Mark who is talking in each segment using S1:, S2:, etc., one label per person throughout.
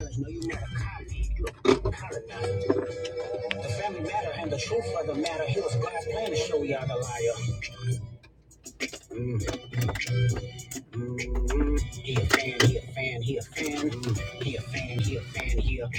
S1: No, you not. The family matter and the truth of the matter. He was God's plan to show y'all the liar. Mm, mm, mm. He a fan, he a fan, he a fan, mm. he a fan, he a fan, he a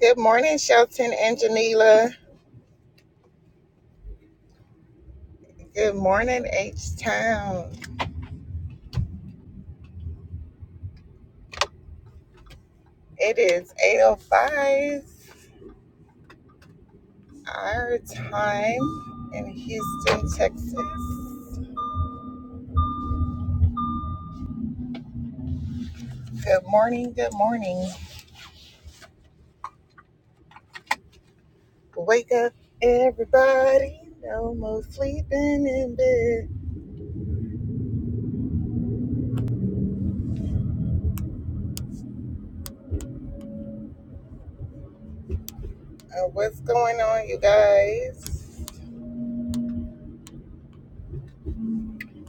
S1: Good morning, Shelton and Janila. Good morning, H Town. It is 8.05 our time in Houston, Texas. Good morning, good morning. Wake up, everybody. No more sleeping in bed. Uh, what's going on, you guys?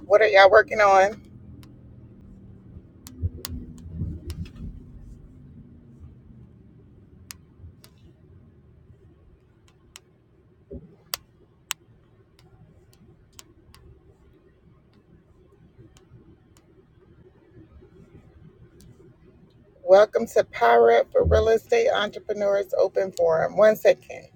S1: What are y'all working on? Welcome to Power Up for Real Estate Entrepreneurs Open Forum. One second.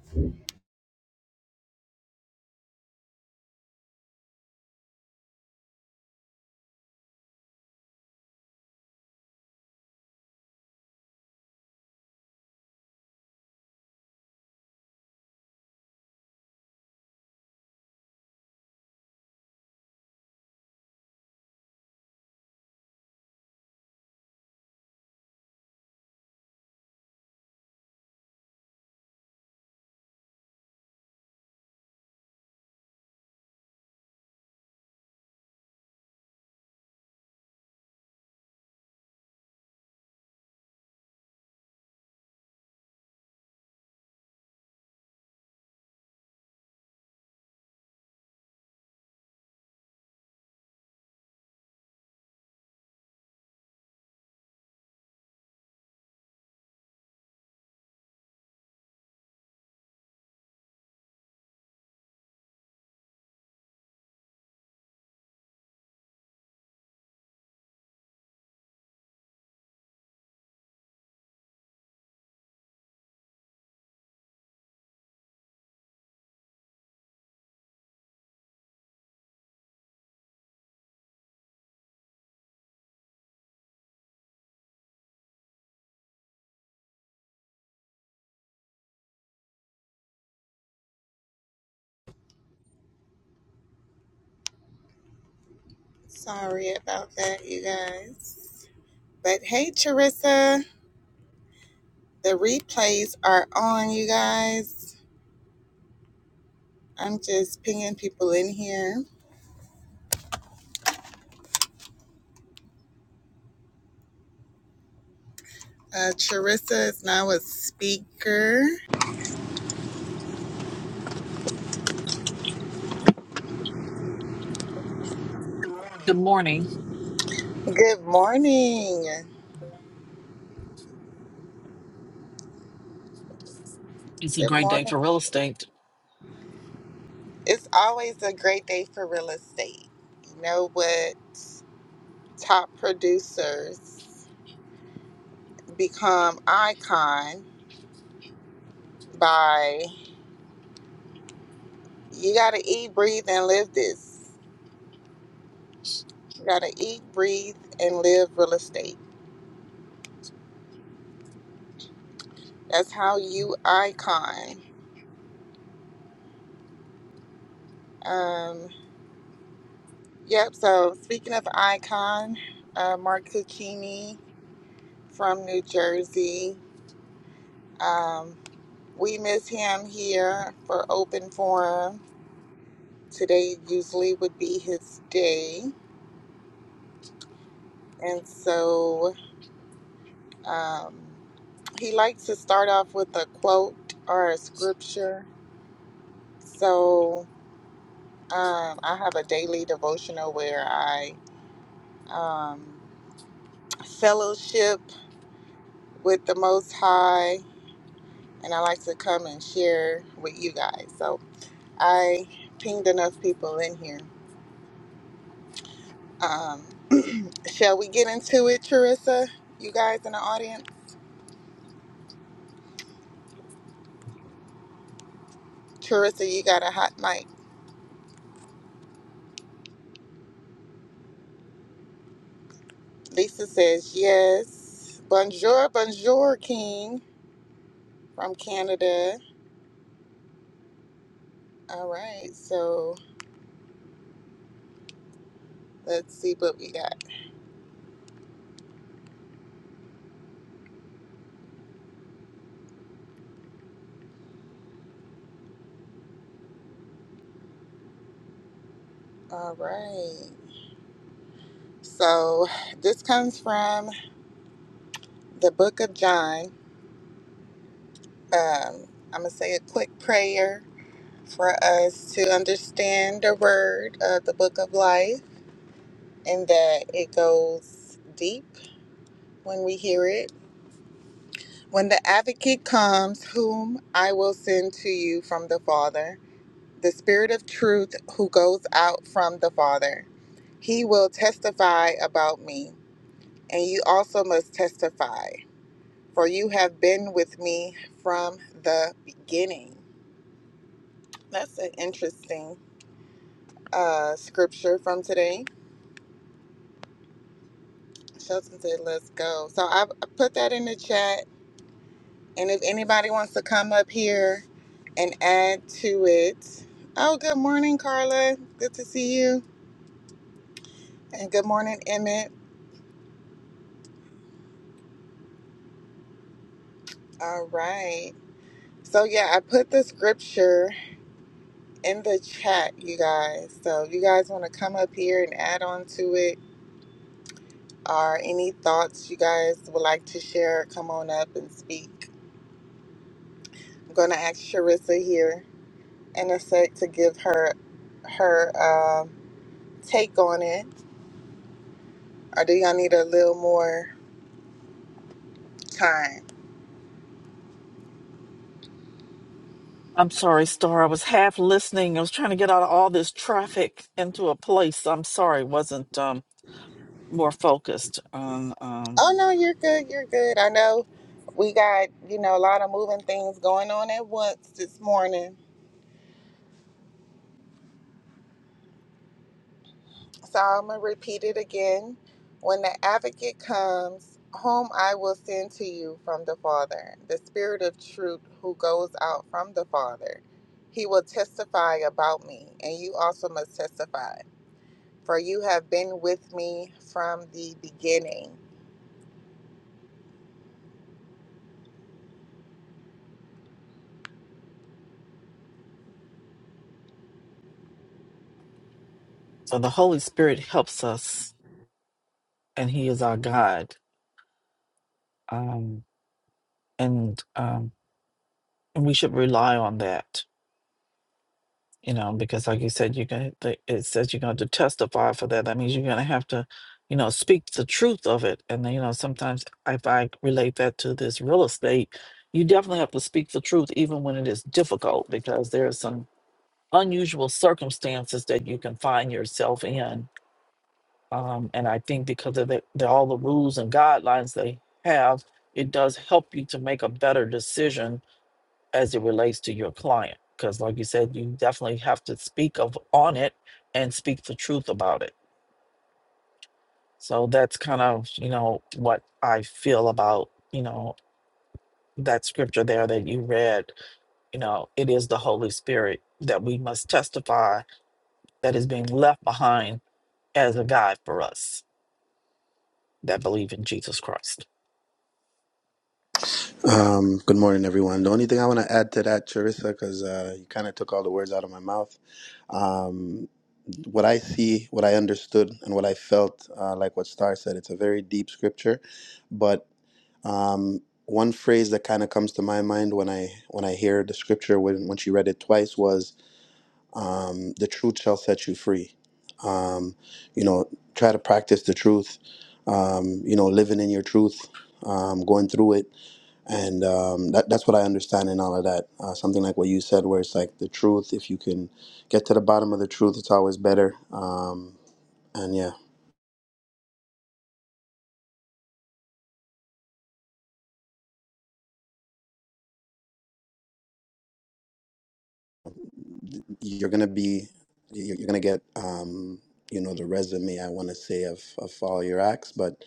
S1: Sorry about that, you guys. But hey, Charissa, the replays are on, you guys. I'm just pinging people in here. Uh, Charissa is now a speaker.
S2: Good morning.
S1: Good morning.
S2: It's a
S1: Good
S2: great day for
S1: morning.
S2: real estate.
S1: It's always a great day for real estate. You know what? top producers become icon by you got to eat, breathe, and live this. You got to eat, breathe, and live real estate. That's how you icon. Um, yep. So speaking of icon, uh, Mark Cucchini from New Jersey. Um, we miss him here for open forum. Today usually would be his day. And so Um, he likes to start off with a quote or a scripture. So um, I have a daily devotional where I um, fellowship with the Most High, and I like to come and share with you guys. So I pinged enough people in here. Um, shall we get into it, Charissa? You guys in the audience? Charissa, you got a hot mic. Lisa says yes. Bonjour, bonjour, King. from Canada. All right, so let's see what we got. All right, so this comes from the book of John. Um, I'm gonna say a quick prayer for us to understand the word of the book of life and that it goes deep when we hear it. When the advocate comes, whom I will send to you from the Father, the Spirit of truth who goes out from the Father. He will testify about me, and you also must testify, for you have been with me from the beginning. That's an interesting uh, scripture from today. Shelton said, Let's go. So I I put that in the chat, and if anybody wants to come up here and add to it. Oh, good morning, Carla. Good to see you. And good morning, Emmett. All right. So, yeah, I put the scripture in the chat, you guys. So if you guys want to come up here and add on to it or any thoughts you guys would like to share, come on up and speak. I'm going to ask Sharissa here in a sec to give her her um take on it. Or do y'all need a little more time?
S2: I'm sorry, Star. I was half listening. I was trying to get out of all this traffic into a place. I'm sorry, wasn't um, more focused on. Um,
S1: Oh, no, you're good. You're good. I know we got, you know, a lot of moving things going on at once this morning. So I'm going to repeat it again. When the advocate comes, whom I will send to you from the Father, the Spirit of truth who goes out from the Father, he will testify about me, and you also must testify, for you have been with me from the beginning.
S2: so the Holy Spirit helps us, and He is our guide, um, and um, and we should rely on that. you know, because like you said, you're going to, it says you're going to testify for that. That means you're going to have to, you know, speak the truth of it. And then, you know, sometimes if I relate that to this real estate, you definitely have to speak the truth, even when it is difficult, because there are some unusual circumstances that you can find yourself in. Um, and I think because of the, the, all the rules and guidelines they have, it does help you to make a better decision as it relates to your client because like you said you definitely have to speak of on it and speak the truth about it so that's kind of you know what i feel about you know that scripture there that you read you know it is the holy spirit that we must testify that is being left behind as a guide for us that believe in jesus christ
S3: Um, good morning, everyone. The only thing I want to add to that, Charissa, because uh, you kind of took all the words out of my mouth. Um, what I see, what I understood, and what I felt, uh, like what Star said, it's a very deep scripture. But um, one phrase that kind of comes to my mind when I when I hear the scripture when when she read it twice was, um, "The truth shall set you free." Um, you know, try to practice the truth. Um, you know, living in your truth, um, going through it and um, that, that's what I understand in all of that. Uh, something like what you said, where it's like the truth. If you can get to the bottom of the truth, it's always better. Um, and yeah, you're gonna be, you're you're gonna get, um, you know, the resume I want to say of of all your acts. But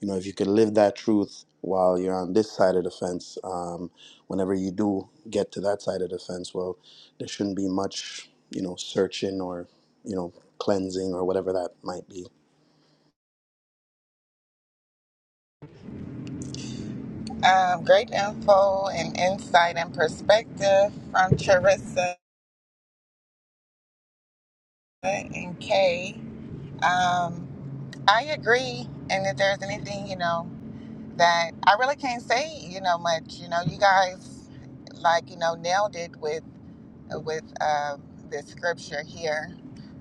S3: you know, if you can live that truth while you're on this side of the fence, um, whenever you do get to that side of the fence, well, there shouldn't be much, you know, searching or you know cleansing or whatever that might be
S1: Um, great info and insight and perspective from Charissa and Kay. Um, I agree, and if there's anything, you know. that I really can't say, you know, much. You know, you guys like, you know, nailed it with with um, this scripture here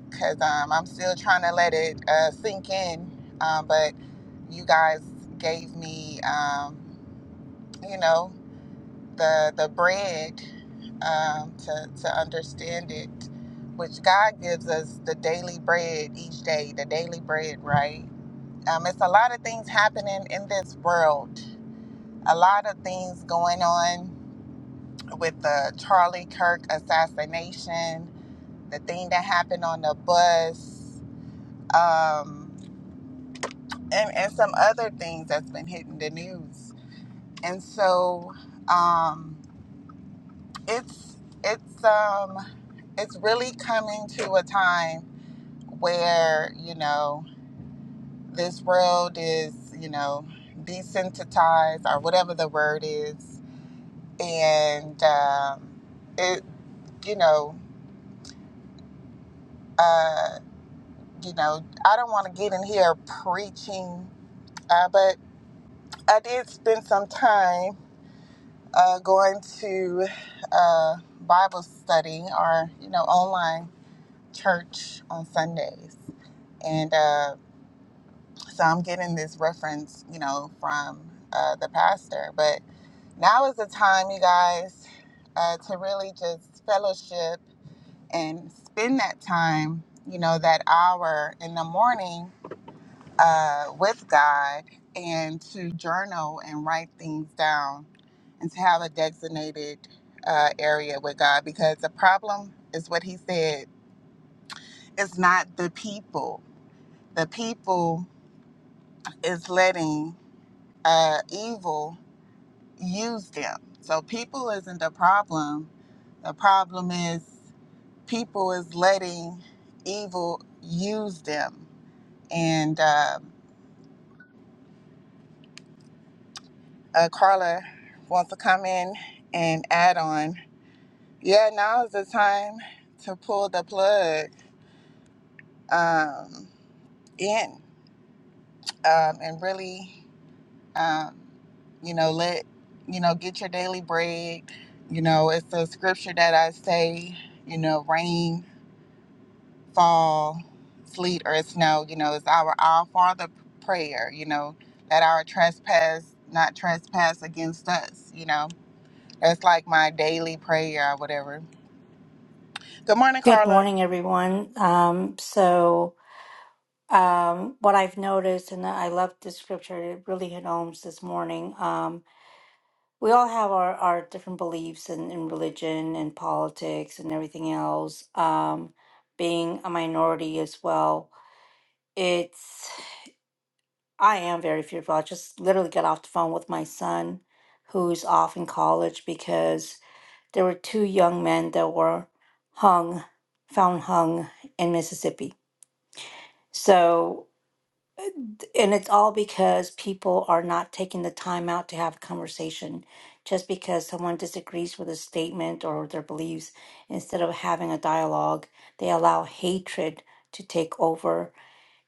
S1: because um, I'm still trying to let it uh, sink in. Um, but you guys gave me, um, you know, the the bread um, to to understand it, which God gives us the daily bread each day, the daily bread, right? Um, it's a lot of things happening in this world a lot of things going on with the Charlie Kirk assassination, the thing that happened on the bus, um, and, and some other things that's been hitting the news. And so um, it's it's um, it's really coming to a time where you know this world is you know desensitized or whatever the word is, and um, it you know Uh, you know, I don't want to get in here preaching, uh, but I did spend some time uh, going to uh, Bible study or, you know, online church on Sundays. And uh, so I'm getting this reference, you know, from uh, the pastor. But now is the time, you guys, uh, to really just fellowship and spend that time, you know, that hour in the morning uh, with God and to journal and write things down and to have a designated uh, area with God because the problem is what he said it's not the people. The people is letting uh, evil use them. So people isn't the problem. The problem is people is letting evil use them. And um uh, Carla wants to come in and add on. Yeah, now is the time to pull the plug um, in um, and really, um, you know, let, you know, get your daily bread. You know, it's a scripture that I say, you know, rain, fall, sleet, or snow, you know, it's our Our Father prayer, you know, let our trespass not trespass against us, you know. That's like my daily prayer or whatever Good morning,
S4: Good
S1: Carla.
S4: morning, everyone. Um, so, um, what I've noticed, and I love the scripture, it really hit home this morning. Um, we all have our, our different beliefs in, in religion and politics and everything else. Um, being a minority as well, it's, I am very fearful. I just literally got off the phone with my son who's off in college because there were two young men that were hung, found hung in Mississippi So, and it's all because people are not taking the time out to have a conversation just because someone disagrees with a statement or their beliefs. Instead of having a dialogue, they allow hatred to take over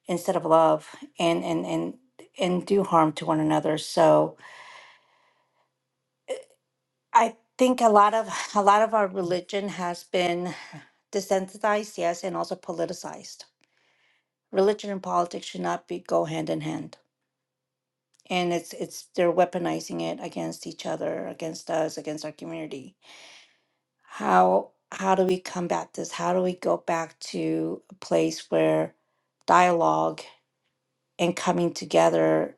S4: instead of love and, and, and, and do harm to one another. So I think a lot of a lot of our religion has been desensitized, yes, and also politicized. Religion and politics should not be go hand in hand. and it's it's they're weaponizing it against each other against us against our community how how do we combat this how do we go back to a place where dialogue and coming together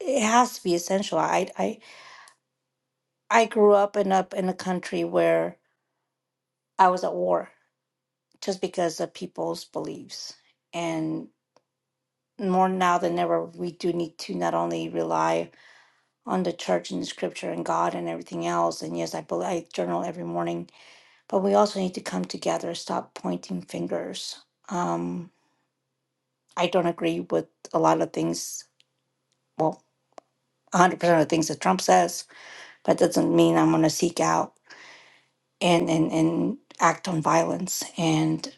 S4: it has to be essential i i i grew up and up in a country where i was at war just because of people's beliefs and more now than ever we do need to not only rely on the church and the scripture and god and everything else and yes i believe i journal every morning but we also need to come together, stop pointing fingers. Um, I don't agree with a lot of things, well, 100% of the things that Trump says, but that doesn't mean I'm going to seek out and, and, and act on violence. And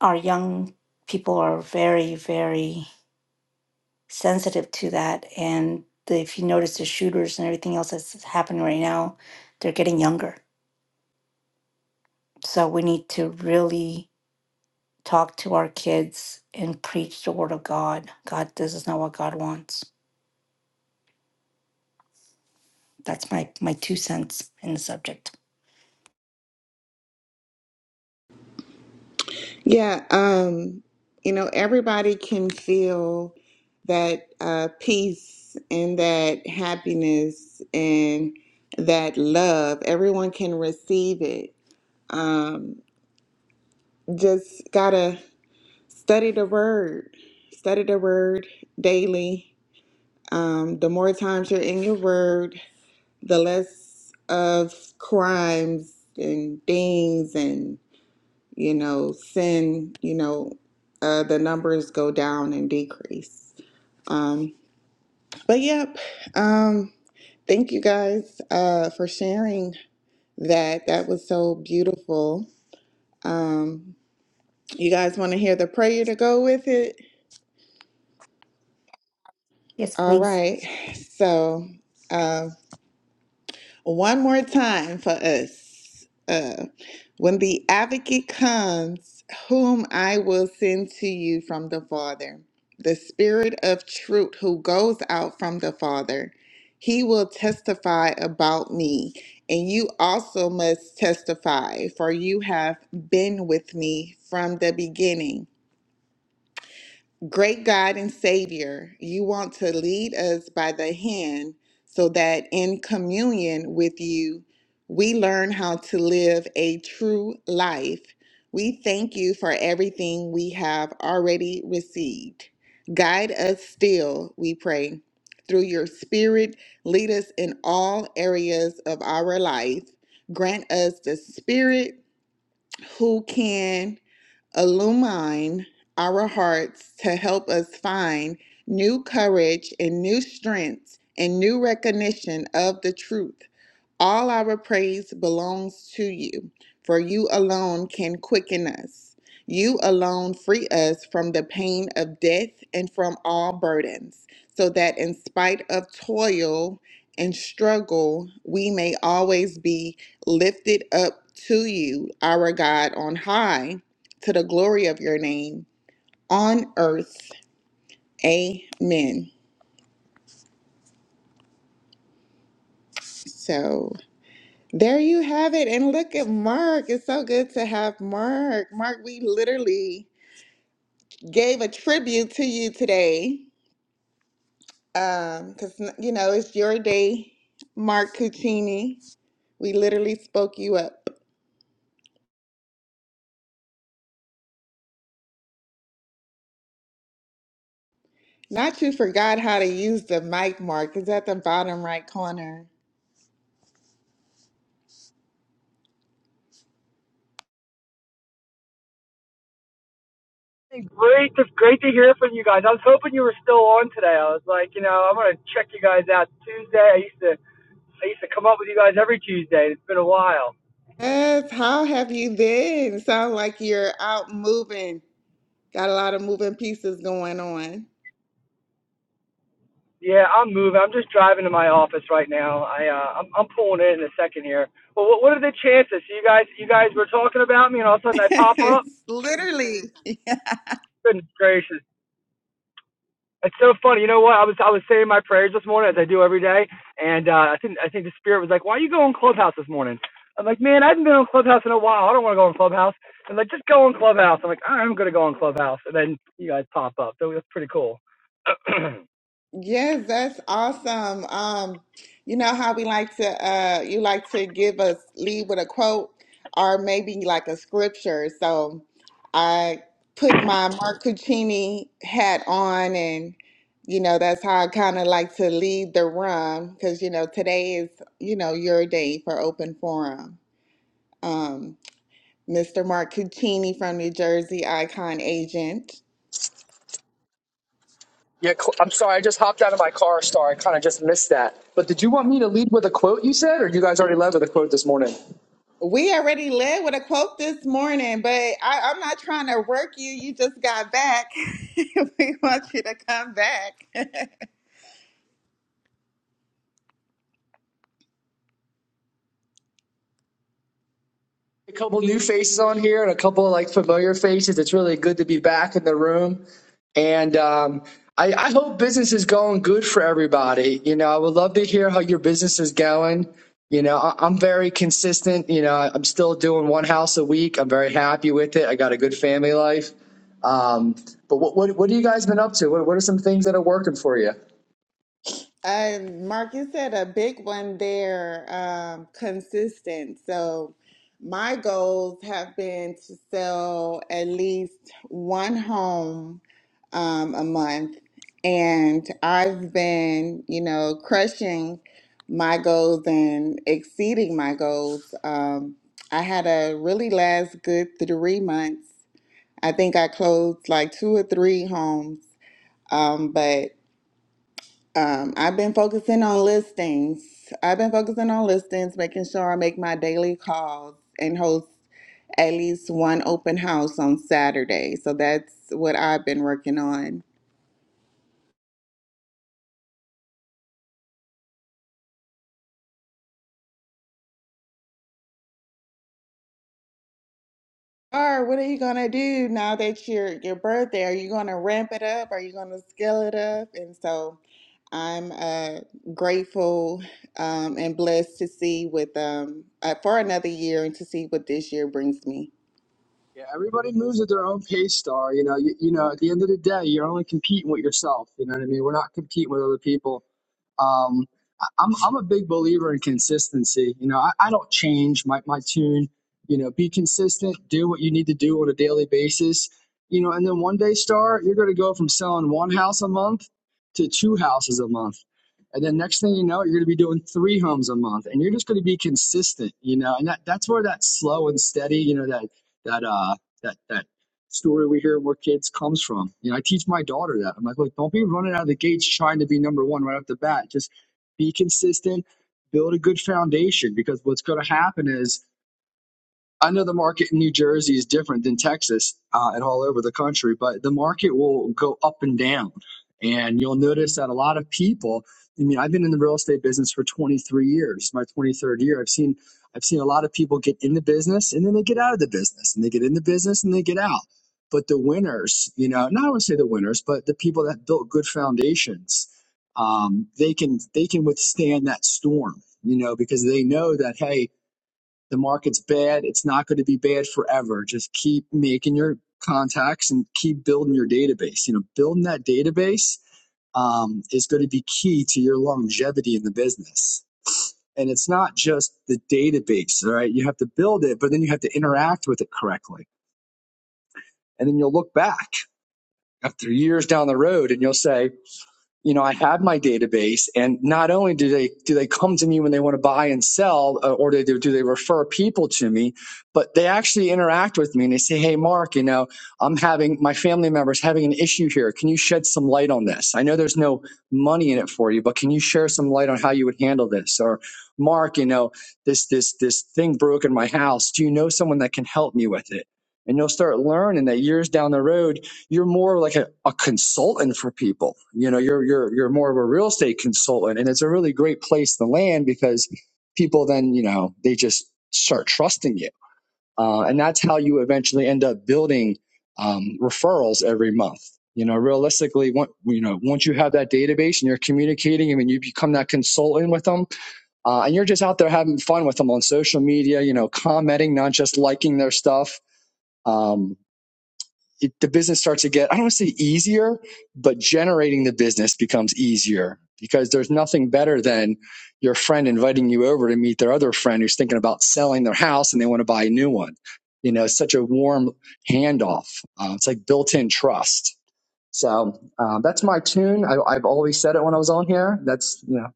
S4: our young people are very, very sensitive to that. And the, if you notice the shooters and everything else that's happening right now, they're getting younger. So we need to really talk to our kids and preach the word of God. God, this is not what God wants. That's my my two cents in the subject.
S1: Yeah, um, you know, everybody can feel that uh, peace and that happiness and that love. Everyone can receive it. Um, just gotta study the word, study the word daily. Um, the more times you're in your word, the less of crimes and things and. you know, sin, you know, uh, the numbers go down and decrease. Um, but yep, um, thank you guys uh, for sharing that. That was so beautiful. Um, you guys want to hear the prayer to go with it?
S4: Yes,
S1: All
S4: please.
S1: right. So. uh, one more time for us. Uh, when the advocate comes, whom I will send to you from the Father, the Spirit of truth who goes out from the Father, he will testify about me. And you also must testify, for you have been with me from the beginning. Great God and Savior, you want to lead us by the hand so that in communion with you, we learn how to live a true life. We thank you for everything we have already received. Guide us still, we pray. Through your Spirit, lead us in all areas of our life. Grant us the Spirit who can illumine our hearts to help us find new courage and new strength and new recognition of the truth. All our praise belongs to you, for you alone can quicken us. You alone free us from the pain of death and from all burdens, so that in spite of toil and struggle, we may always be lifted up to you, our God, on high, to the glory of your name, on earth. Amen. So. There you have it. And look at Mark. It's so good to have Mark. Mark, we literally gave a tribute to you today. Um, because you know, it's your day, Mark Cuccini. We literally spoke you up. Not you forgot how to use the mic, Mark. It's at the bottom right corner.
S5: Hey, Great to great to hear from you guys. I was hoping you were still on today. I was like, you know, I'm gonna check you guys out Tuesday. I used to I used to come up with you guys every Tuesday. It's been a while.
S1: Yes, how have you been? Sound like you're out moving. Got a lot of moving pieces going on.
S5: Yeah, I'm moving. I'm just driving to my office right now. I uh, I'm I'm pulling in in a second here. Well, what what are the chances? You guys you guys were talking about me, and all of a sudden I pop up.
S1: It's literally.
S5: Goodness gracious! It's so funny. You know what? I was I was saying my prayers this morning as I do every day, and uh, I think I think the spirit was like, "Why are you going Clubhouse this morning?" I'm like, "Man, I haven't been on Clubhouse in a while. I don't want to go on Clubhouse." And like, just go on Clubhouse. I'm like, "I'm gonna go on Clubhouse," and then you guys pop up. So that's pretty cool.
S1: Yes, that's awesome. Um, you know how we like to uh you like to give us lead with a quote or maybe like a scripture. So I put my Mark Cuccini hat on and you know that's how I kind of like to lead the room because you know today is you know your day for open forum. Um, Mr. Mark Cuccini from New Jersey Icon Agent.
S5: Yeah, cl- I'm sorry. I just hopped out of my car, Star. I kind of just missed that. But did you want me to lead with a quote you said, or do you guys already led with a quote this morning?
S1: We already led with a quote this morning, but I, I'm not trying to work you. You just got back. we want you to come back.
S5: A couple new faces on here and a couple like familiar faces. It's really good to be back in the room. And um, I, I hope business is going good for everybody. You know, I would love to hear how your business is going. You know, I, I'm very consistent. You know, I- I'm still doing one house a week. I'm very happy with it. I got a good family life. Um, but what, what what have you guys been up to? What, what are some things that are working for you?
S1: Uh, Marcus said a big one there, um, consistent. So my goals have been to sell at least one home um, a month, and I've been, you know, crushing my goals and exceeding my goals. Um, I had a really last good three months. I think I closed like two or three homes. Um, but um, I've been focusing on listings. I've been focusing on listings, making sure I make my daily calls and host at least one open house on Saturday. So that's what I've been working on. Or what are you gonna do now that your your birthday? Are you gonna ramp it up? Are you gonna scale it up? And so I'm uh, grateful um, and blessed to see with um, uh, for another year and to see what this year brings me.
S5: Yeah, everybody moves at their own pace, Star. You know, you, you know, at the end of the day, you're only competing with yourself. You know what I mean? We're not competing with other people. Um, I- I'm I'm a big believer in consistency. You know, I, I don't change my, my tune. You know, be consistent, do what you need to do on a daily basis. You know, and then one day, Star, you're going to go from selling one house a month to two houses a month. And then next thing you know, you're going to be doing three homes a month, and you're just going to be consistent, you know. And that, that's where that slow and steady, you know, that that uh that that story we hear where kids comes from. You know, I teach my daughter that. I'm like, look, don't be running out of the gates trying to be number one right off the bat. Just be consistent, build a good foundation because what's gonna happen is I know the market in New Jersey is different than Texas uh, and all over the country, but the market will go up and down. And you'll notice that a lot of people, I mean, I've been in the real estate business for 23 years, my 23rd year. I've seen, I've seen a lot of people get in the business and then they get out of the business and they get in the business and they get out. But the winners, you know, not I would say the winners, but the people that built good foundations, um, they can, they can withstand that storm, you know, because they know that, hey, the market's bad. It's not going to be bad forever. Just keep making your contacts and keep building your database. You know, building that database um, is going to be key to your longevity in the business. And it's not just the database, all right? You have to build it, but then you have to interact with it correctly. And then you'll look back after years down the road and you'll say, you know, I have my database, and not only do they do they come to me when they want to buy and sell, uh, or they do, do they refer people to me, but they actually interact with me and they say, "Hey, Mark, you know, I'm having my family members having an issue here. Can you shed some light on this? I know there's no money in it for you, but can you share some light on how you would handle this?" Or, "Mark, you know, this this this thing broke in my house. Do you know someone that can help me with it?" And you'll start learning that years down the road you're more like a, a consultant for people. You know, you're you're you're more of a real estate consultant, and it's a really great place to land because people then you know they just start trusting you, uh, and that's how you eventually end up building um, referrals every month. You know, realistically, once you know once you have that database and you're communicating, I mean, you become that consultant with them, uh, and you're just out there having fun with them on social media. You know, commenting, not just liking their stuff. Um, it, the business starts to get, I don't want to say easier, but generating the business becomes easier because there's nothing better than your friend inviting you over to meet their other friend who's thinking about selling their house and they want to buy a new one. You know, it's such a warm handoff. Uh, it's like built in trust. So uh, that's my tune. I, I've always said it when I was on here. That's, you know,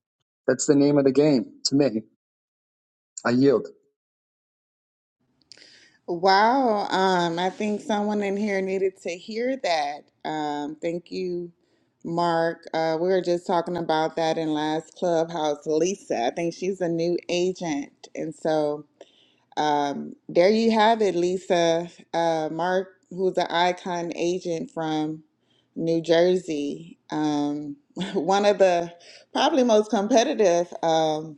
S5: that's the name of the game to me. I yield.
S1: Wow, um, I think someone in here needed to hear that. Um, thank you, Mark. Uh, we were just talking about that in last clubhouse. Lisa, I think she's a new agent, and so um, there you have it, Lisa. Uh, Mark, who's an icon agent from New Jersey, um, one of the probably most competitive. um,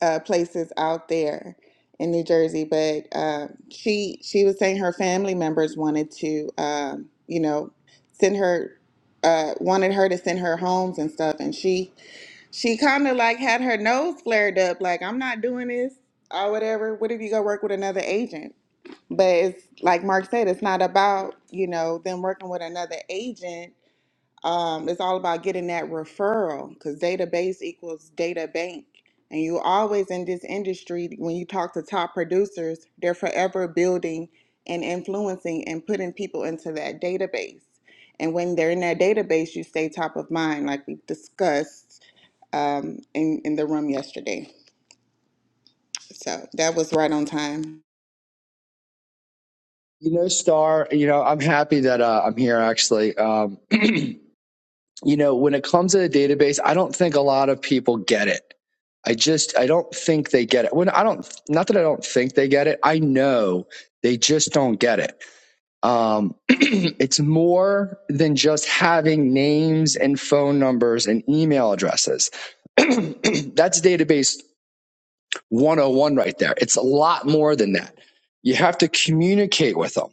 S1: uh, places out there in New Jersey, but uh, she she was saying her family members wanted to, um, you know, send her uh, wanted her to send her homes and stuff, and she she kind of like had her nose flared up, like I'm not doing this or whatever. What if you go work with another agent? But it's like Mark said, it's not about you know them working with another agent um, it's all about getting that referral because database equals data bank. And you always in this industry, when you talk to top producers, they're forever building and influencing and putting people into that database. And when they're in that database, you stay top of mind, like we discussed um, in, in the room yesterday. So that was right on time.
S5: You know, Star, you know, I'm happy that uh, I'm here actually. Um, you know, when it comes to the database, I don't think a lot of people get it. I just, I don't think they get it. When I don't, not that I don't think they get it, I know they just don't get it. Um, it's more than just having names and phone numbers and email addresses. That's database 101 right there. It's a lot more than that. You have to communicate with them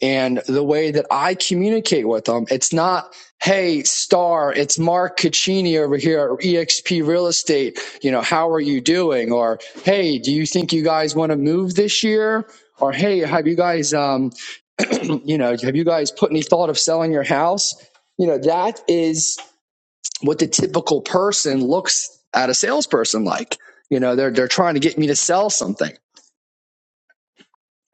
S5: and the way that I communicate with them. It's not, hey, Star, it's Mark Caccini over here at eXp Real Estate. You know, how are you doing? Or, hey, do you think you guys want to move this year? Or, hey, have you guys, um, you know, have you guys put any thought of selling your house? You know, that is what the typical person looks at a salesperson like. You know, they're, they're trying to get me to sell something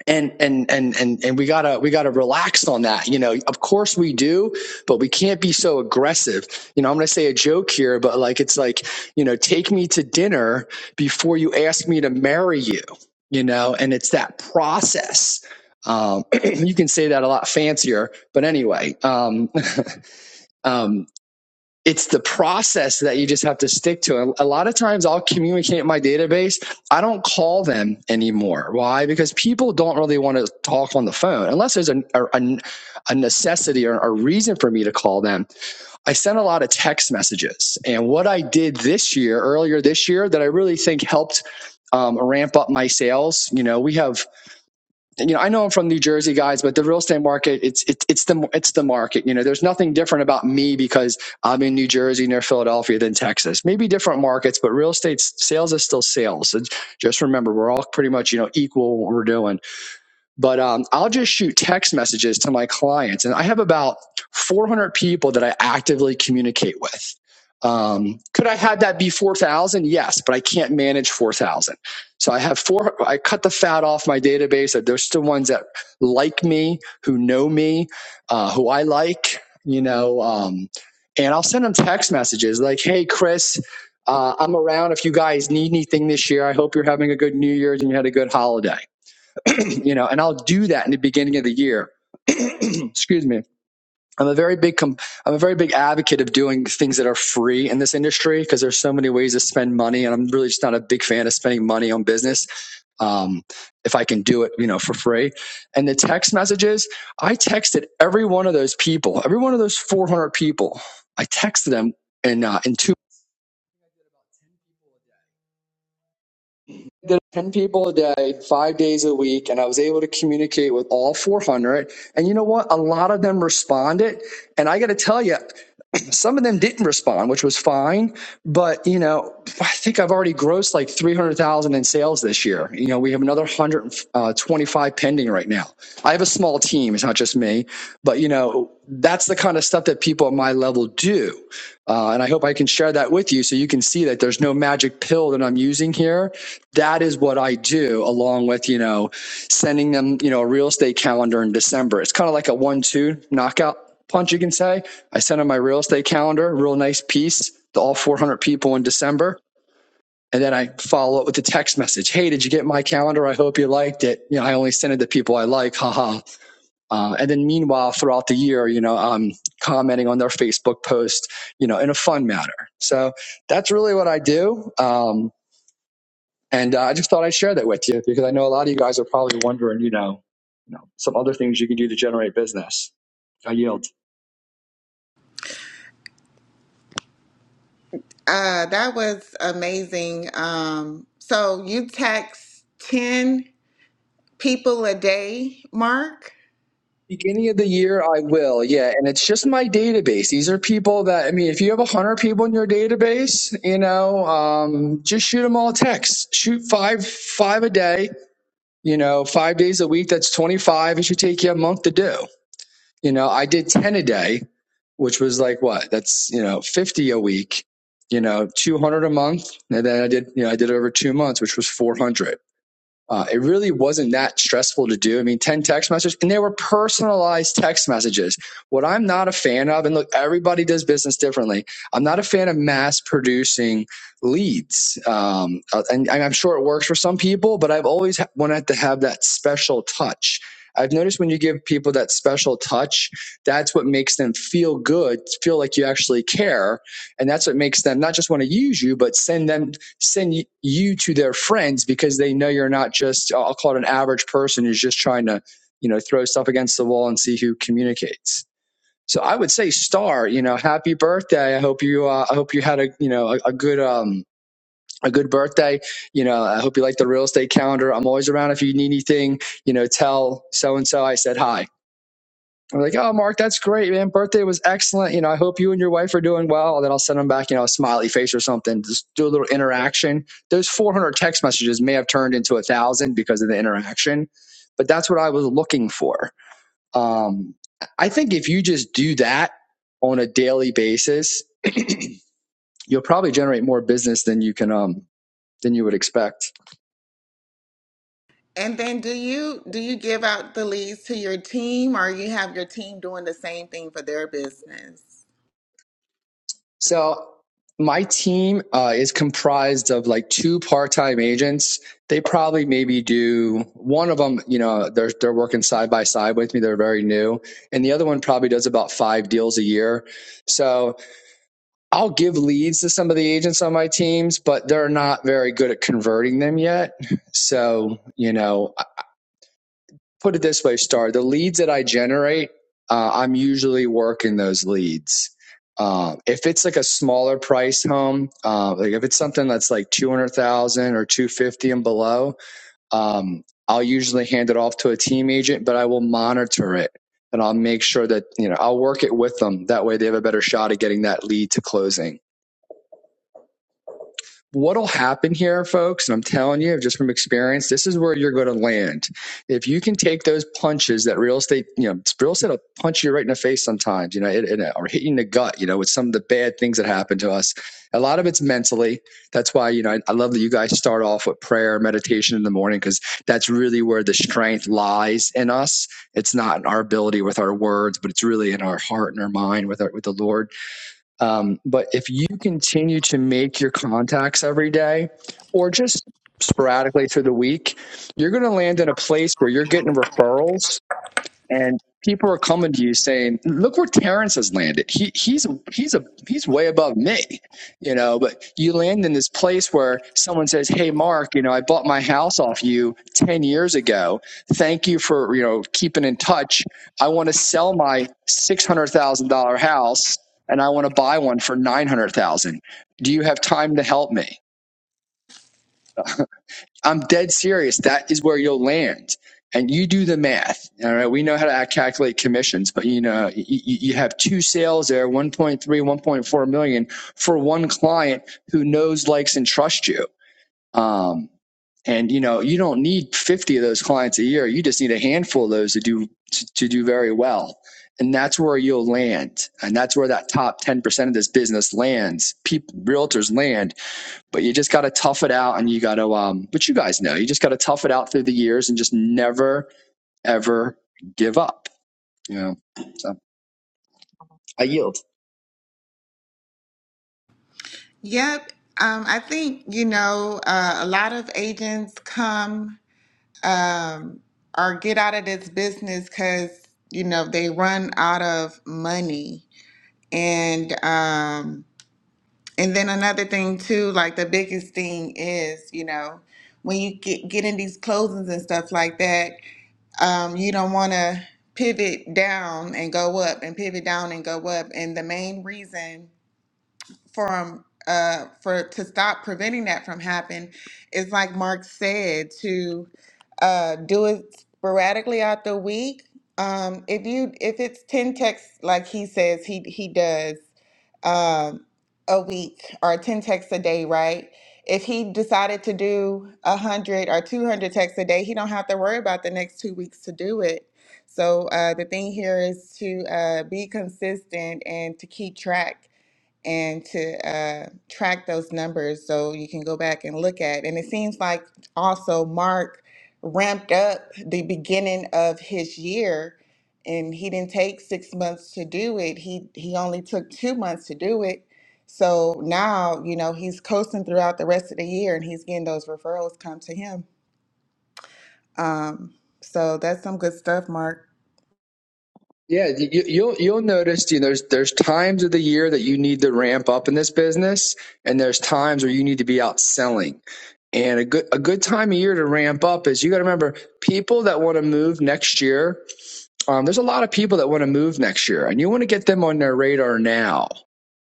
S5: and and and and and we gotta we gotta relax on that you know of course we do but we can't be so aggressive you know i'm gonna say a joke here but like it's like you know take me to dinner before you ask me to marry you you know and it's that process um, you can say that a lot fancier but anyway um, um, it's the process that you just have to stick to. And A lot of times I'll communicate my database. I don't call them anymore. Why? Because people don't really want to talk on the phone unless there's a, a, a necessity or a reason for me to call them. I sent a lot of text messages. And what I did this year, earlier this year, that I really think helped um, ramp up my sales, you know, we have you know, I know I'm from New Jersey, guys, but the real estate market, it's it's it's the it's the market. You know, there's nothing different about me because I'm in New Jersey near Philadelphia than Texas. Maybe different markets, but real estate sales is still sales. And just remember, we're all pretty much you know equal in what we're doing but um, I'll just shoot text messages to my clients. And I have about 400 people that I actively communicate with. Um, could I have that be 4,000? Yes, but I can't manage 4,000. So I have four, I cut the fat off my database. There's still ones that like me, who know me, uh, who I like, you know, um, and I'll send them text messages like, Hey, Chris, uh, I'm around if you guys need anything this year. I hope you're having a good New Year's and you had a good holiday you know, and I'll do that in the beginning of the year. Excuse me. I'm a very big com- I'm a very big advocate of doing things that are free in this industry because there's so many ways to spend money, and I'm really just not a big fan of spending money on business. Um, if I can do it, you know, for free. And the text messages, I texted every one of those people, every one of those 400 people. I texted them in uh, in two There are 10 people a day, five days a week, and I was able to communicate with all 400. And you know what? A lot of them responded. And I got to tell you, some of them didn't respond, which was fine. But you know, I think I've already grossed like three hundred thousand in sales this year. You know, we have another one hundred uh, twenty-five pending right now. I have a small team; it's not just me. But you know, that's the kind of stuff that people at my level do, uh, and I hope I can share that with you so you can see that there's no magic pill that I'm using here. That is what I do, along with you know, sending them you know a real estate calendar in December. It's kind of like a one-two knockout punch, you can say I sent him my real estate calendar, real nice piece to all 400 people in December. And then I follow up with a text message. Hey, did you get my calendar? I hope you liked it. You know, I only send it to people I like. Haha. Uh, and then meanwhile, throughout the year, you know, I'm commenting on their Facebook post, you know, in a fun manner. So that's really what I do. Um, and uh, I just thought I'd share that with you because I know a lot of you guys are probably wondering, you know, you know, some other things you can do to generate business. I yield.
S1: Uh, that was amazing. Um, so you text 10 people a day, Mark?
S5: Beginning of the year, I will. Yeah. And it's just my database. These are people that, I mean, if you have 100 people in your database, you know, um, just shoot them all texts. Shoot five, five a day, you know, five days a week. That's 25. It should take you a month to do. You know, I did 10 a day, which was like what? That's, you know, 50 a week, you know, 200 a month. And then I did, you know, I did over two months, which was 400. Uh, it really wasn't that stressful to do. I mean, 10 text messages, and they were personalized text messages. What I'm not a fan of, and look, everybody does business differently. I'm not a fan of mass producing leads. Um, uh, and, and I'm sure it works for some people, but I've always ha- wanted to have that special touch. I've noticed when you give people that special touch, that's what makes them feel good, feel like you actually care. And that's what makes them not just want to use you, but send them send you to their friends because they know you're not just I'll call it an average person who's just trying to you know throw stuff against the wall and see who communicates. So I would say star, you know, happy birthday. I hope you uh, I hope you had a you know a, a good um a good birthday. You know, I hope you like the real estate calendar. I'm always around if you need anything. You know, tell so and so I said hi I'm like, oh, Mark, that's great, man. Birthday was excellent. You know, I hope you and your wife are doing well. And then I'll send them back, you know, a smiley face or something. Just do a little interaction. Those 400 text messages may have turned into a thousand because of the interaction, but that's what I was looking for. Um, I think if you just do that on a daily basis, you'll probably generate more business than you can, um, than you would expect.
S1: And then do you do you give out the leads to your team or you have your team doing the same thing for their business?
S5: So my team uh, is comprised of like two part-time agents. They probably maybe do one of them. You know, they're they're working side by side with me. They're very new, and the other one probably does about five deals a year. So I'll give leads to some of the agents on my teams, but they're not very good at converting them yet. So you know, put it this way, Star. The leads that I generate, uh, I'm usually working those leads. Uh, if it's like a smaller price home, uh, like if it's something that's like two hundred thousand or two fifty and below, um, I'll usually hand it off to a team agent, but I will monitor it and I'll make sure that you know I'll work it with them. That way, they have a better shot at getting that lead to closing. What'll happen here, folks, and I'm telling you just from experience, this is where you're going to land. If you can take those punches that real estate, you know, real estate will punch you right in the face sometimes, you know, it, it, or hit you in the gut, you know, with some of the bad things that happen to us. A lot of it's mentally. That's why, you know, I, I love that you guys start off with prayer, meditation in the morning, because that's really where the strength lies in us. It's not in our ability with our words, but it's really in our heart and our mind with our, with the Lord um, but if you continue to make your contacts every day or just sporadically through the week, you're going to land in a place where you're getting referrals and people are coming to you saying, "Look where Terrence has landed. He he's he's a he's way above me, you know." But you land in this place where someone says, "Hey, Mark, you know, I bought my house off you ten years ago. Thank you for you know keeping in touch. I want to sell my six hundred thousand dollar house." And I want to buy one for nine hundred thousand. Do you have time to help me? I'm dead serious. That is where you'll land. And you do the math. All right. We know how to calculate commissions, but you know, you, you have two sales there, one point three, one point four million for one client who knows, likes, and trusts you. Um, and you know, you don't need 50 of those clients a year. You just need a handful of those to do, to, to do very well. And that's where you'll land. And that's where that top 10% of this business lands. People, realtors land but you just got to tough it out and you got to um but you guys know you just got to tough it out through the years and just never ever give up you know so i yield
S1: Yep. Um, I think, you know, uh, a lot of agents come um, or get out of this business because, you know, they run out of money. And um, and then another thing too, like the biggest thing is, you know, when you get, get in these closings and stuff like that, um, you don't want to pivot down and go up and pivot down and go up. And the main reason from uh for to stop preventing that from happening is like Mark said to uh do it sporadically out the week. Um if you if it's 10 texts like he says he he does um a week or 10 texts a day, right? If he decided to do 100 or 200 texts a day, he don't have to worry about the next 2 weeks to do it. So uh, the thing here is to uh, be consistent and to keep track and to uh, track those numbers so you can go back and look at. And it seems like also Mark ramped up the beginning of his year and he didn't take six months to do it. He he only took two months to do it. So now, you know, he's coasting throughout the rest of the year and he's getting those referrals come to him. Um, so that's some good stuff, Mark.
S5: yeah you, you- will you'll notice you know there's there's times of the year that you need to ramp up in this business and there's times where you need to be out selling and a good a good time of year to ramp up is you got to remember people that want to move next year Um, there's a lot of people that want to move next year, and you want to get them on their radar now.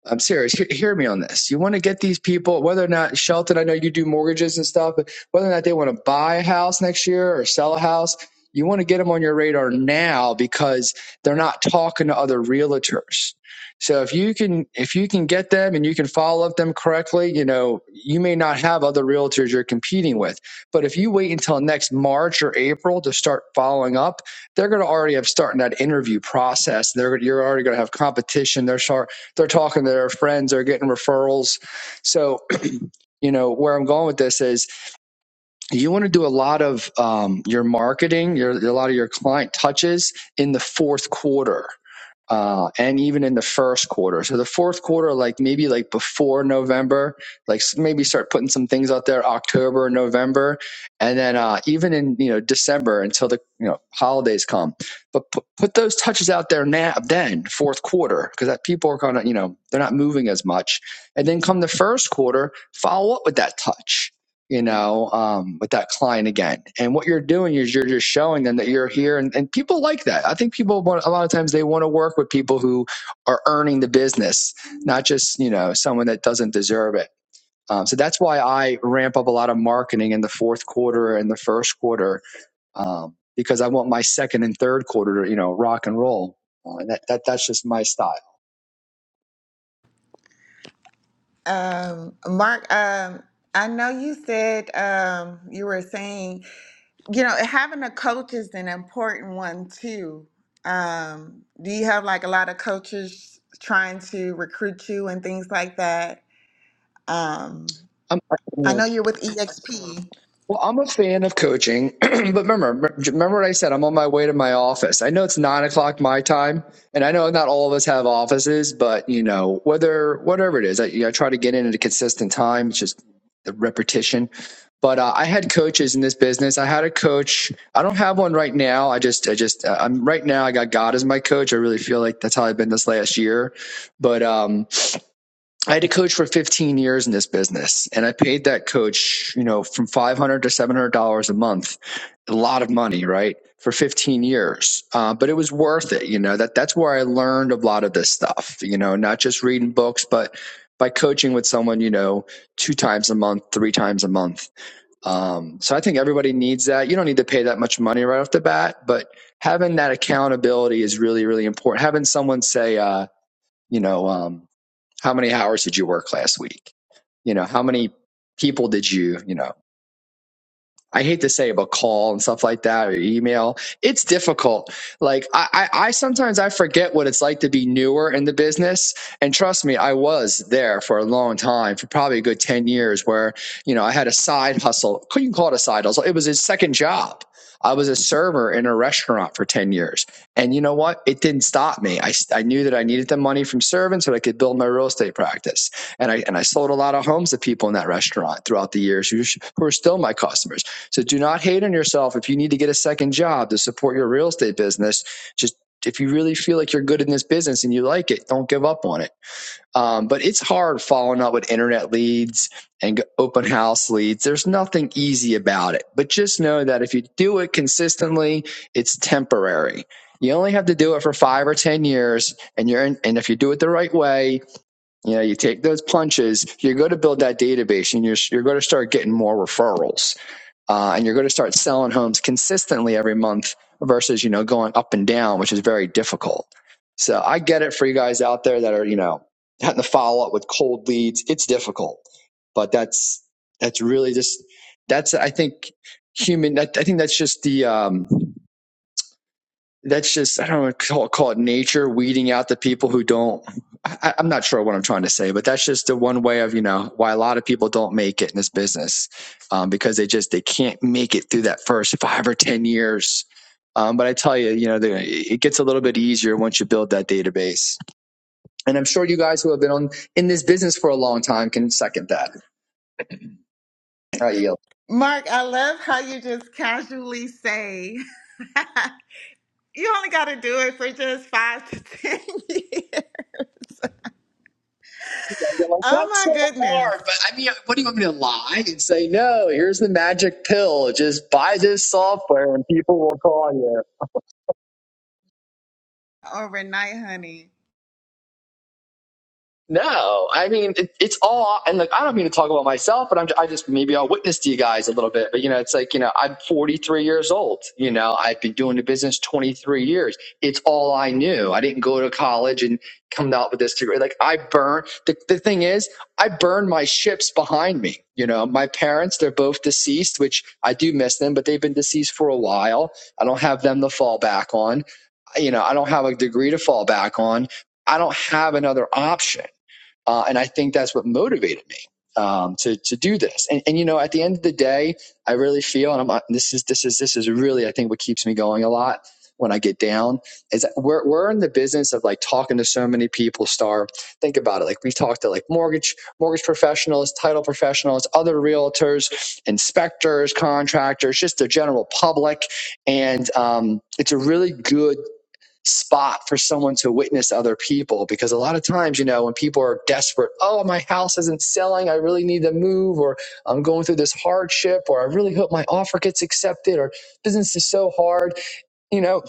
S5: I'm serious. Hear, hear me on this. You want to get these people, whether or not Shelton, I know you do mortgages and stuff, but whether or not they want to buy a house next year or sell a house, you want to get them on your radar now because they're not talking to other realtors. So if you can, if you can get them and you can follow up them correctly, you know you may not have other realtors you're competing with. But if you wait until next March or April to start following up they're going to already have starting that interview process. They're you're already going to have competition. They're sharp, they're talking to their friends. They're getting referrals. So you know where I'm going with this is you want to do a lot of um, your marketing, your, a lot of your client touches in the fourth quarter uh, and even in the first quarter. So the fourth quarter, like maybe like before November, like s- maybe start putting some things out there October, November, and then uh, even in you know December until the you know holidays come. But put, put those touches out there now, then fourth quarter, because that people are gonna you know they're not moving as much, and then come the first quarter, follow up with that touch you know, um, with that client again. And what you're doing is you're just showing them that you're here, and, and people like that. I think people want, a lot of times they want to work with people who are earning the business, not just you know someone that doesn't deserve it. Um, so that's why I ramp up a lot of marketing in the fourth quarter and the first quarter um, because I want my second and third quarter to you know rock and roll. Uh, that, that that's just my style.
S1: Um, Mark, um, I know you said um, you were saying you know, having a coach is an important one too. Um, do you have like a lot of coaches trying to recruit you and things like that? Um, I
S5: I'm,
S1: know you're with EXP.
S5: Well, I'm a fan of coaching, but remember, remember what I said. I'm on my way to my office. I know it's nine o'clock my time, and I know not all of us have offices, but you know, whether whatever it is, I, you know, I try to get in at a consistent time. It's just the repetition. But uh, I had coaches in this business. I had a coach. I don't have one right now. I just, I just, uh, I'm right now. I got God as my coach. I really feel like that's how I've been this last year. But um, I had a coach for 15 years in this business and I paid that coach, you know, from 500 to $700 a month, a lot of money, right? For 15 years. Uh, but it was worth it. You know, that that's where I learned a lot of this stuff, you know, not just reading books, but by coaching with someone, you know, two times a month, three times a month. Um, so I think everybody needs that. You don't need to pay that much money right off the bat, but having that accountability is really, really important. Having someone say, uh, you know um, how many hours did you work last week you know how many people did you you know I hate to say about call and stuff like that or email. It's difficult. Like I, I, I sometimes I forget what it's like to be newer in the business. And trust me, I was there for a long time, for probably a good 10 years, where, you know, I had a side hustle. You can call it a side hustle. It was his second job. I was a server in a restaurant for 10 years. And you know what? It didn't stop me. I, I knew that I needed the money from serving so that I could build my real estate practice. And I, and I sold a lot of homes to people in that restaurant throughout the years who, who are still my customers so do not hate on yourself if you need to get a second job to support your real estate business. Just if you really feel like you're good in this business and you like it, don't give up on it. Um, but it's hard following up with internet leads and open house leads. There's nothing easy about it. But just know that if you do it consistently, it's temporary. You only have to do it for five or ten years, and you're in, and if you do it the right way, you know you take those punches. You're going to build that database, and you're you're going to start getting more referrals uh, and you're going to start selling homes consistently every month versus you know going up and down which is very difficult so i get it for you guys out there that are you know having to follow up with cold leads it's difficult but that's that's really just that's i think human i, I think that's just the um that's just I don't know, call, call it nature weeding out the people who don't. I, I'm not sure what I'm trying to say, but that's just the one way of you know why a lot of people don't make it in this business um, because they just they can't make it through that first five or ten years. Um, but I tell you, you know, the, it gets a little bit easier once you build that database, and I'm sure you guys who have been on in this business for a long time can second that. I yield.
S1: Mark, I love how you just casually say you only got to do it for just five to 10 years.
S5: You're like,
S1: Oh
S5: that's so
S1: my goodness.
S5: hard. But I mean, what do you want me to lie and say? No, here's the magic pill. Just buy this software and people will call you.
S1: Overnight, honey.
S5: No, I mean it, it's all, and like I don't mean to talk about myself, but I'm I just maybe I'll witness to you guys a little bit. But you know, it's like you know I'm 43 years old. You know, I've been doing the business 23 years. It's all I knew. I didn't go to college and come out with this degree. Like I burn. The, the thing is, I burned my ships behind me. You know, my parents they're both deceased, which I do miss them, but they've been deceased for a while. I don't have them to fall back on. You know, I don't have a degree to fall back on. I don't have another option uh, and I think that's what motivated me um, to to do this. And, and you know, at the end of the day, I really feel, and I'm uh, this is this is this is really I think what keeps me going a lot when I get down is that we're we're in the business of like talking to so many people. Star, think about it. Like we talk to like mortgage mortgage professionals, title professionals, other realtors, inspectors, contractors, just the general public, and um, it's a really good spot for someone to witness other people because a lot of times you know when people are desperate oh my house isn't selling i really need to move or i'm going through this hardship or i really hope my offer gets accepted or business is so hard you know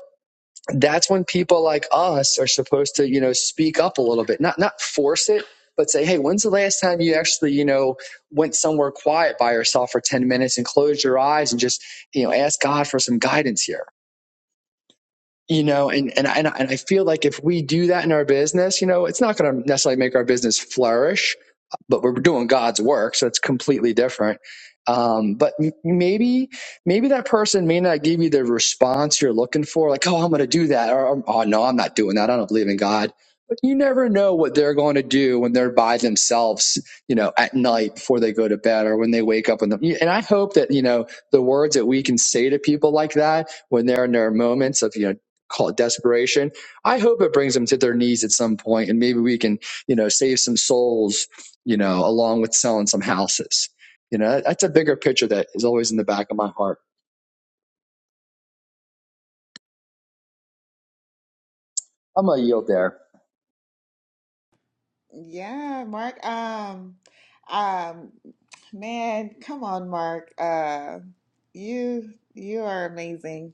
S5: that's when people like us are supposed to you know speak up a little bit not not force it but say hey when's the last time you actually you know went somewhere quiet by yourself for 10 minutes and closed your eyes and just you know ask god for some guidance here you know and and and I feel like if we do that in our business you know it's not going to necessarily make our business flourish but we're doing god's work so it's completely different um, but maybe maybe that person may not give you the response you're looking for like oh i'm going to do that or oh oh, no i'm not doing that i don't believe in god but you never know what they're going to do when they're by themselves you know at night before they go to bed or when they wake up in the and i hope that you know the words that we can say to people like that when they're in their moments of you know call it desperation. I hope it brings them to their knees at some point, and maybe we can, you know, save some souls, you know, along with selling some houses. You know, that's a bigger picture that is always in the back of my heart. I'm gonna yield there.
S1: Yeah, Mark. Um, um, man, come on, Mark. Uh, you you are amazing.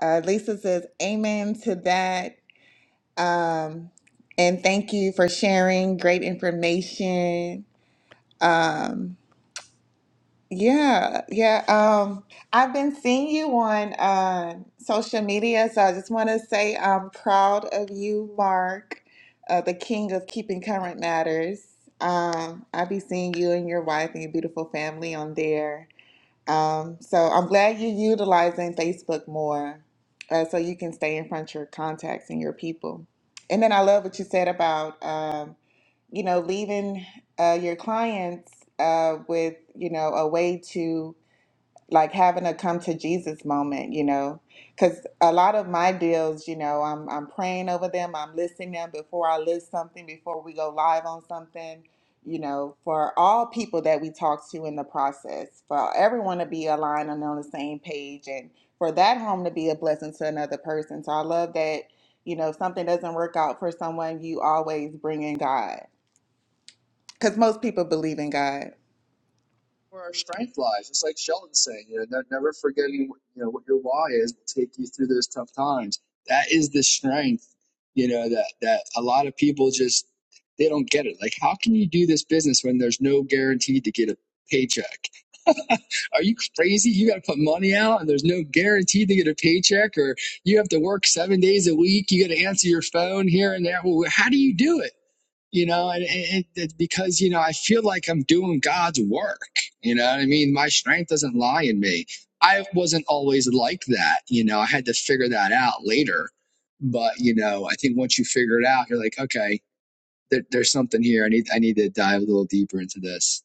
S1: Uh, Lisa says, "Amen to that." Um, and thank you for sharing great information. Um, yeah, yeah. Um, I've been seeing you on uh, social media, so I just want to say I'm proud of you, Mark, uh, the king of keeping current matters. Um, i be seeing you and your wife and your beautiful family on there. Um, so I'm glad you're utilizing Facebook more, uh, so you can stay in front of your contacts and your people. And then I love what you said about. um, you know, leaving uh, your clients uh, with, you know, a way to like having a come to Jesus moment, you know, because a lot of my deals, you know, I'm I'm praying over them, I'm listing them before I list something, before we go live on something, you know, for all people that we talk to in the process, for everyone to be aligned and on the same page, and for that home to be a blessing to another person. So I love that, you know, if something doesn't work out for someone, you always bring in God because most people believe in God.
S5: where our strength lies. It's like Sheldon saying, you know, never forgetting, you know, what your why is will take you through those tough times. That is the strength, you know, that that a lot of people just they don't get it. Like, how can you do this business when there's no guarantee to get a paycheck? Are you crazy? You got to put money out and there's no guarantee to get a paycheck or you have to work seven days a week. You got to answer your phone here and there. Well, how do you do it? You know, and, and, and because, you know, I feel like I'm doing God's work. You know what I mean? My strength doesn't lie in me. I wasn't always like that. You know, I had to figure that out later. But, you know, I think once you figure it out, you're like, okay, there, there's something here. I need, I need to dive a little deeper into this.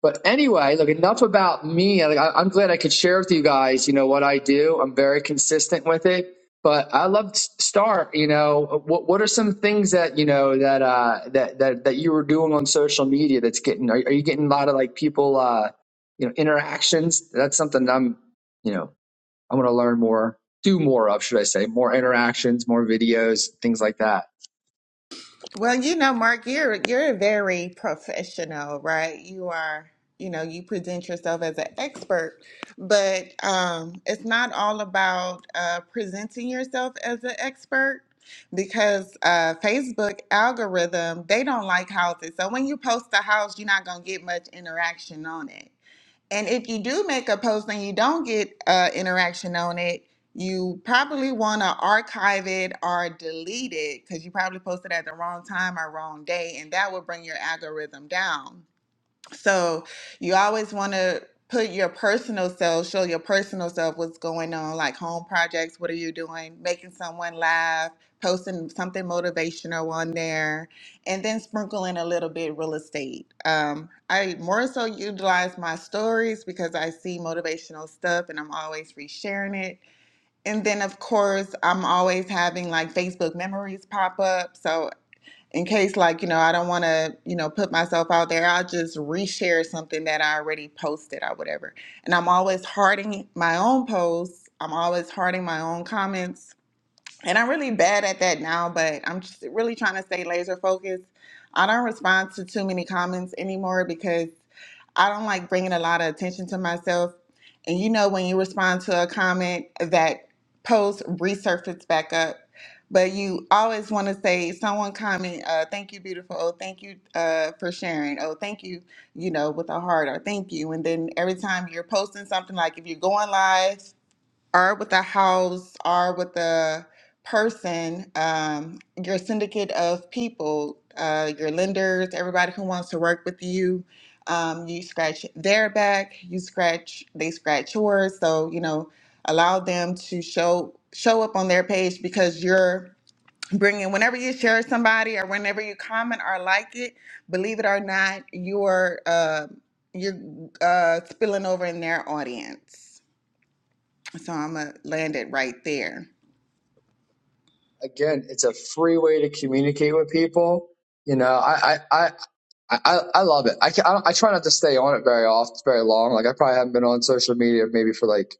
S5: But anyway, look, enough about me. Like, I, I'm glad I could share with you guys, you know, what I do. I'm very consistent with it. But I love to start, you know, what, what are some things that, you know, that, uh, that, that, that you were doing on social media that's getting, are, are you getting a lot of like people, uh, you know, interactions? That's something that I'm, you know, I want to learn more, do more of, should I say, more interactions, more videos, things like that.
S1: Well, you know, Mark, you're you're very professional, right? You are, you know, you present yourself as an expert, but um, it's not all about uh, presenting yourself as an expert because uh, Facebook algorithm they don't like houses. So when you post a house, you're not gonna get much interaction on it. And if you do make a post and you don't get uh, interaction on it, you probably want to archive it or delete it because you probably posted at the wrong time or wrong day, and that will bring your algorithm down. So you always want to put your personal self, show your personal self what's going on, like home projects, what are you doing, making someone laugh, posting something motivational on there, and then sprinkle in a little bit real estate. Um, I more so utilize my stories because I see motivational stuff and I'm always resharing it. And then, of course, I'm always having like Facebook memories pop up. So in case like you know i don't want to you know put myself out there i'll just reshare something that i already posted or whatever and i'm always harding my own posts i'm always harding my own comments and I'm really bad at that now, but I'm just really trying to stay laser focused. I don't respond to too many comments anymore because I don't like bringing a lot of attention to myself. And you know, when you respond to a comment, that post resurfaces back up. But you always want to say, someone comment, uh, thank you, beautiful. Oh, thank you uh, for sharing. Oh, thank you, you know, with a heart or thank you. And then every time you're posting something, like if you're going live or with a house or with a person, um, your syndicate of people, uh, your lenders, everybody who wants to work with you. Um, you scratch their back, you scratch, they scratch yours. So you know, allow them to show show up on their page because you're bringing. Whenever you share somebody or whenever you comment or like it, believe it or not, you're uh, you're uh, spilling over in their audience. So I'm gonna land it right there.
S5: again, it's a free way to communicate with people. You know, I I I I, I love it. I, can, I I try not to stay on it very often, very long. Like I probably haven't been on social media maybe for like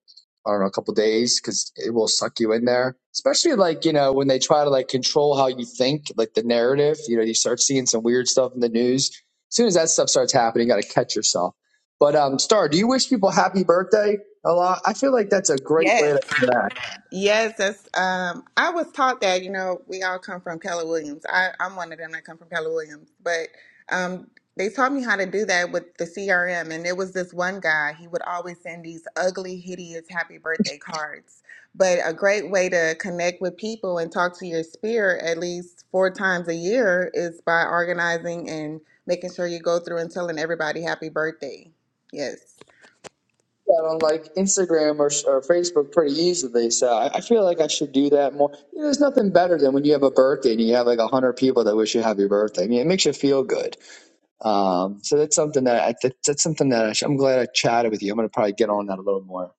S5: I don't know a couple of days because it will suck you in there. Especially like you know when they try to like control how you think, like the narrative. You know, you start seeing some weird stuff in the news. As soon as that stuff starts happening, you got to catch yourself. But um, Star, do you wish people happy birthday a lot? I feel like that's a great way to
S1: Yes.
S5: interact.
S1: Yes, that's. Um, I was taught that. You know, we all come from Keller Williams. I, I'm one of them that come from Keller Williams, but um, they taught me how to do that with the CRM. And it was this one guy. He would always send these ugly, hideous happy birthday cards. But a great way to connect with people and talk to your spirit at least four times a year is by organizing and making sure you go through and telling everybody happy birthday. Yes.
S5: that on like Instagram or, or Facebook pretty easily. So I, I feel like I should do that more. You know, there's nothing better than when you have a birthday and you have like a hundred people that wish you happy birthday. I mean, it makes you feel good. Um, so that's something that I, that, that's something that I sh- I'm glad I chatted with you. I'm gonna probably get on that a little more.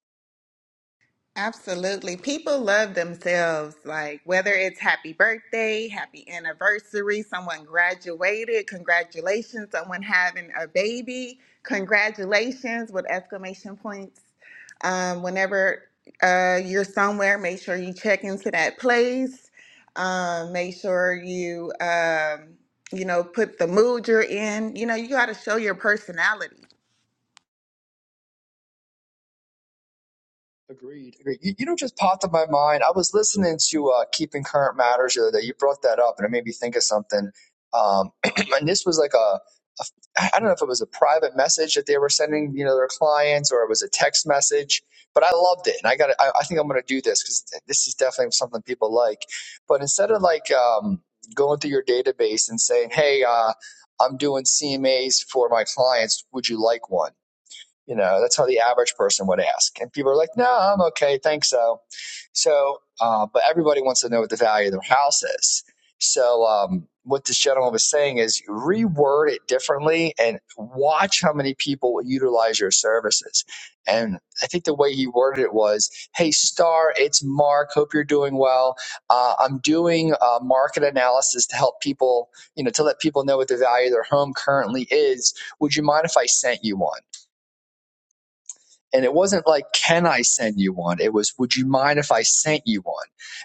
S1: Absolutely. People love themselves, like whether it's happy birthday, happy anniversary, someone graduated, congratulations, someone having a baby, congratulations with exclamation points. Um, whenever uh, you're somewhere, make sure you check into that place. Um, make sure you, um, you know, put the mood you're in. You know, you got to show your personality.
S5: Agreed. Agreed. You, you know, just popped in my mind. I was listening to uh, Keeping Current Matters the other day. You brought that up, and it made me think of something. Um, and this was like a, a, I don't know if it was a private message that they were sending, you know, their clients, or it was a text message. But I loved it, and I got. I, I think I'm going to do this because this is definitely something people like. But instead of like um, going through your database and saying, "Hey, uh, I'm doing CMAs for my clients. Would you like one?" You know, that's how the average person would ask. And people are like, no, I'm okay. Thanks. So, so, uh, but everybody wants to know what the value of their house is. So, um, what this gentleman was saying is reword it differently and watch how many people utilize your services. And I think the way he worded it was, Hey, Star, it's Mark. Hope you're doing well. Uh, I'm doing uh, market analysis to help people, you know, to let people know what the value of their home currently is. Would you mind if I sent you one? And it wasn't like, can I send you one? It was, would you mind if I sent you one?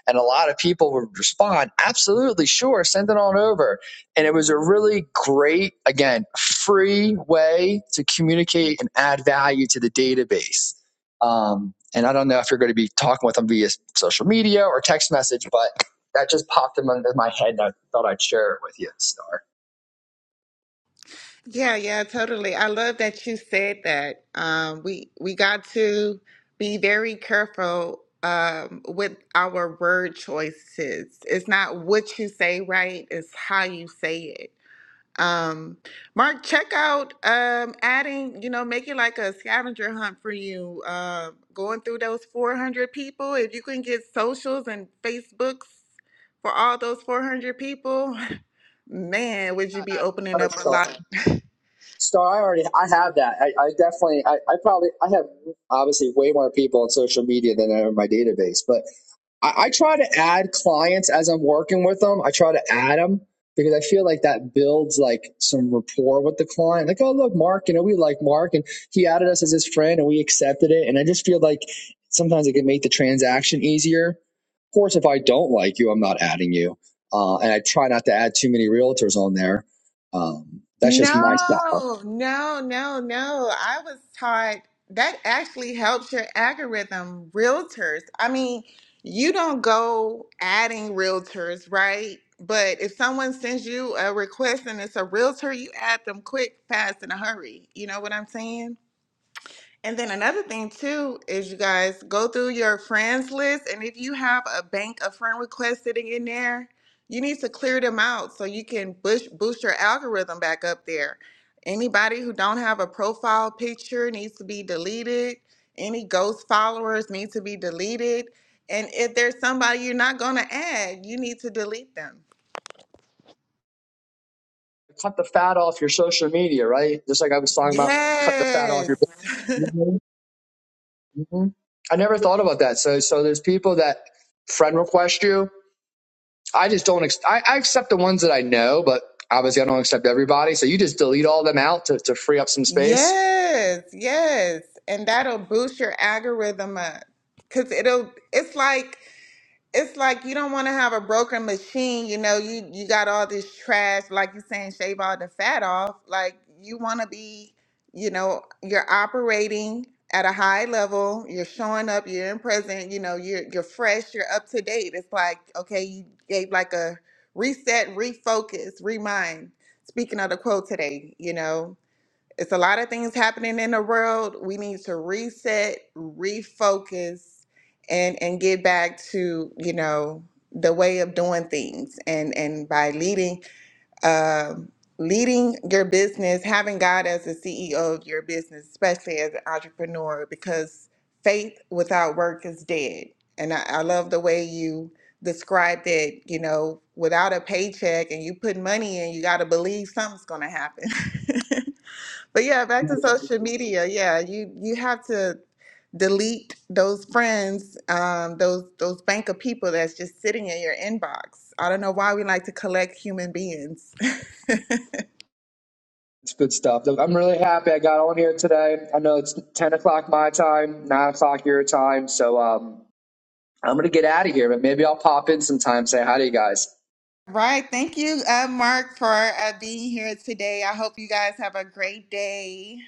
S5: And a lot of people would respond, absolutely, sure, send it on over. And it was a really great, again, free way to communicate and add value to the database. Um, and I don't know if you're going to be talking with them via social media or text message, but that just popped into my head and I thought I'd share it with you, Star.
S1: Yeah, yeah, totally. I love that you said that. Um, we we got to be very careful um, with our word choices. It's not what you say right, it's how you say it. Um, Mark, check out um, adding, you know, make it like a scavenger hunt for you. Uh, going through those 400 people, if you can get socials and Facebooks for all those 400 people, man, would you be opening up a lot?
S5: So I already I have that. I, I definitely I, I probably I have obviously way more people on social media than I have in my database. But I, I try to add clients as I'm working with them. I try to add them because I feel like that builds like some rapport with the client. Like, oh look, Mark, you know, we like Mark and he added us as his friend and we accepted it. And I just feel like sometimes it can make the transaction easier. Of course, if I don't like you, I'm not adding you. Uh, and I try not to add too many realtors on there. Um, that's just my style.
S1: No, no, no, no. I was taught that actually helps your algorithm, realtors. I mean, you don't go adding realtors, right? But if someone sends you a request and it's a realtor, you add them quick, fast, in a hurry. You know what I'm saying? And then another thing too is you guys go through your friends list and if you have a bank of friend requests sitting in there, you need to clear them out so you can bush, boost your algorithm back up there. Anybody who don't have a profile picture needs to be deleted. Any ghost followers need to be deleted. And if there's somebody you're not going to add, you need to delete them.
S5: cut the fat off your social media, right? Just like I was talking about, cut the fat off your.
S1: Yes.
S5: Mhm, mhm. I never thought about that. So, so there's people that friend request you. I just don't. Ex- I, I accept the ones that I know, but obviously I don't accept everybody. So you just delete all them out to, to free up some space.
S1: Yes, yes. And that'll boost your algorithm up. Cause it'll it's like it's like you don't want to have a broken machine, you know, you you got all this trash, like you're saying, shave all the fat off. Like you wanna be, you know, you're operating at a high level, you're showing up, you're in present, you know, you're you're fresh, you're up to date. It's like, okay, you gave like a reset, refocus, remind. Speaking of the quote today, you know. It's a lot of things happening in the world. We need to reset, refocus, and and get back to you know the way of doing things. And and by leading, um, leading your business, having God as the CEO of your business, especially as an entrepreneur, because faith without work is dead. And I, I love the way you described it. You know, without a paycheck and you put money in, you got to believe something's going to happen. But yeah, back to social media. Yeah, you you have to delete those friends, um, those those bank of people that's just sitting in your inbox. I don't know why we like to collect human beings.
S5: It's good stuff. Look, I'm really happy I got on here today. I know it's 10 o'clock my time, 9 o'clock your time. So, um, I'm gonna get out of here, but maybe I'll pop in sometime, say hi to you guys.
S1: Right. Thank you, uh, Mark, for uh, being here today. I hope you guys have a great day.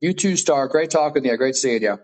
S5: You too, Star. Great talking to you. Great seeing you.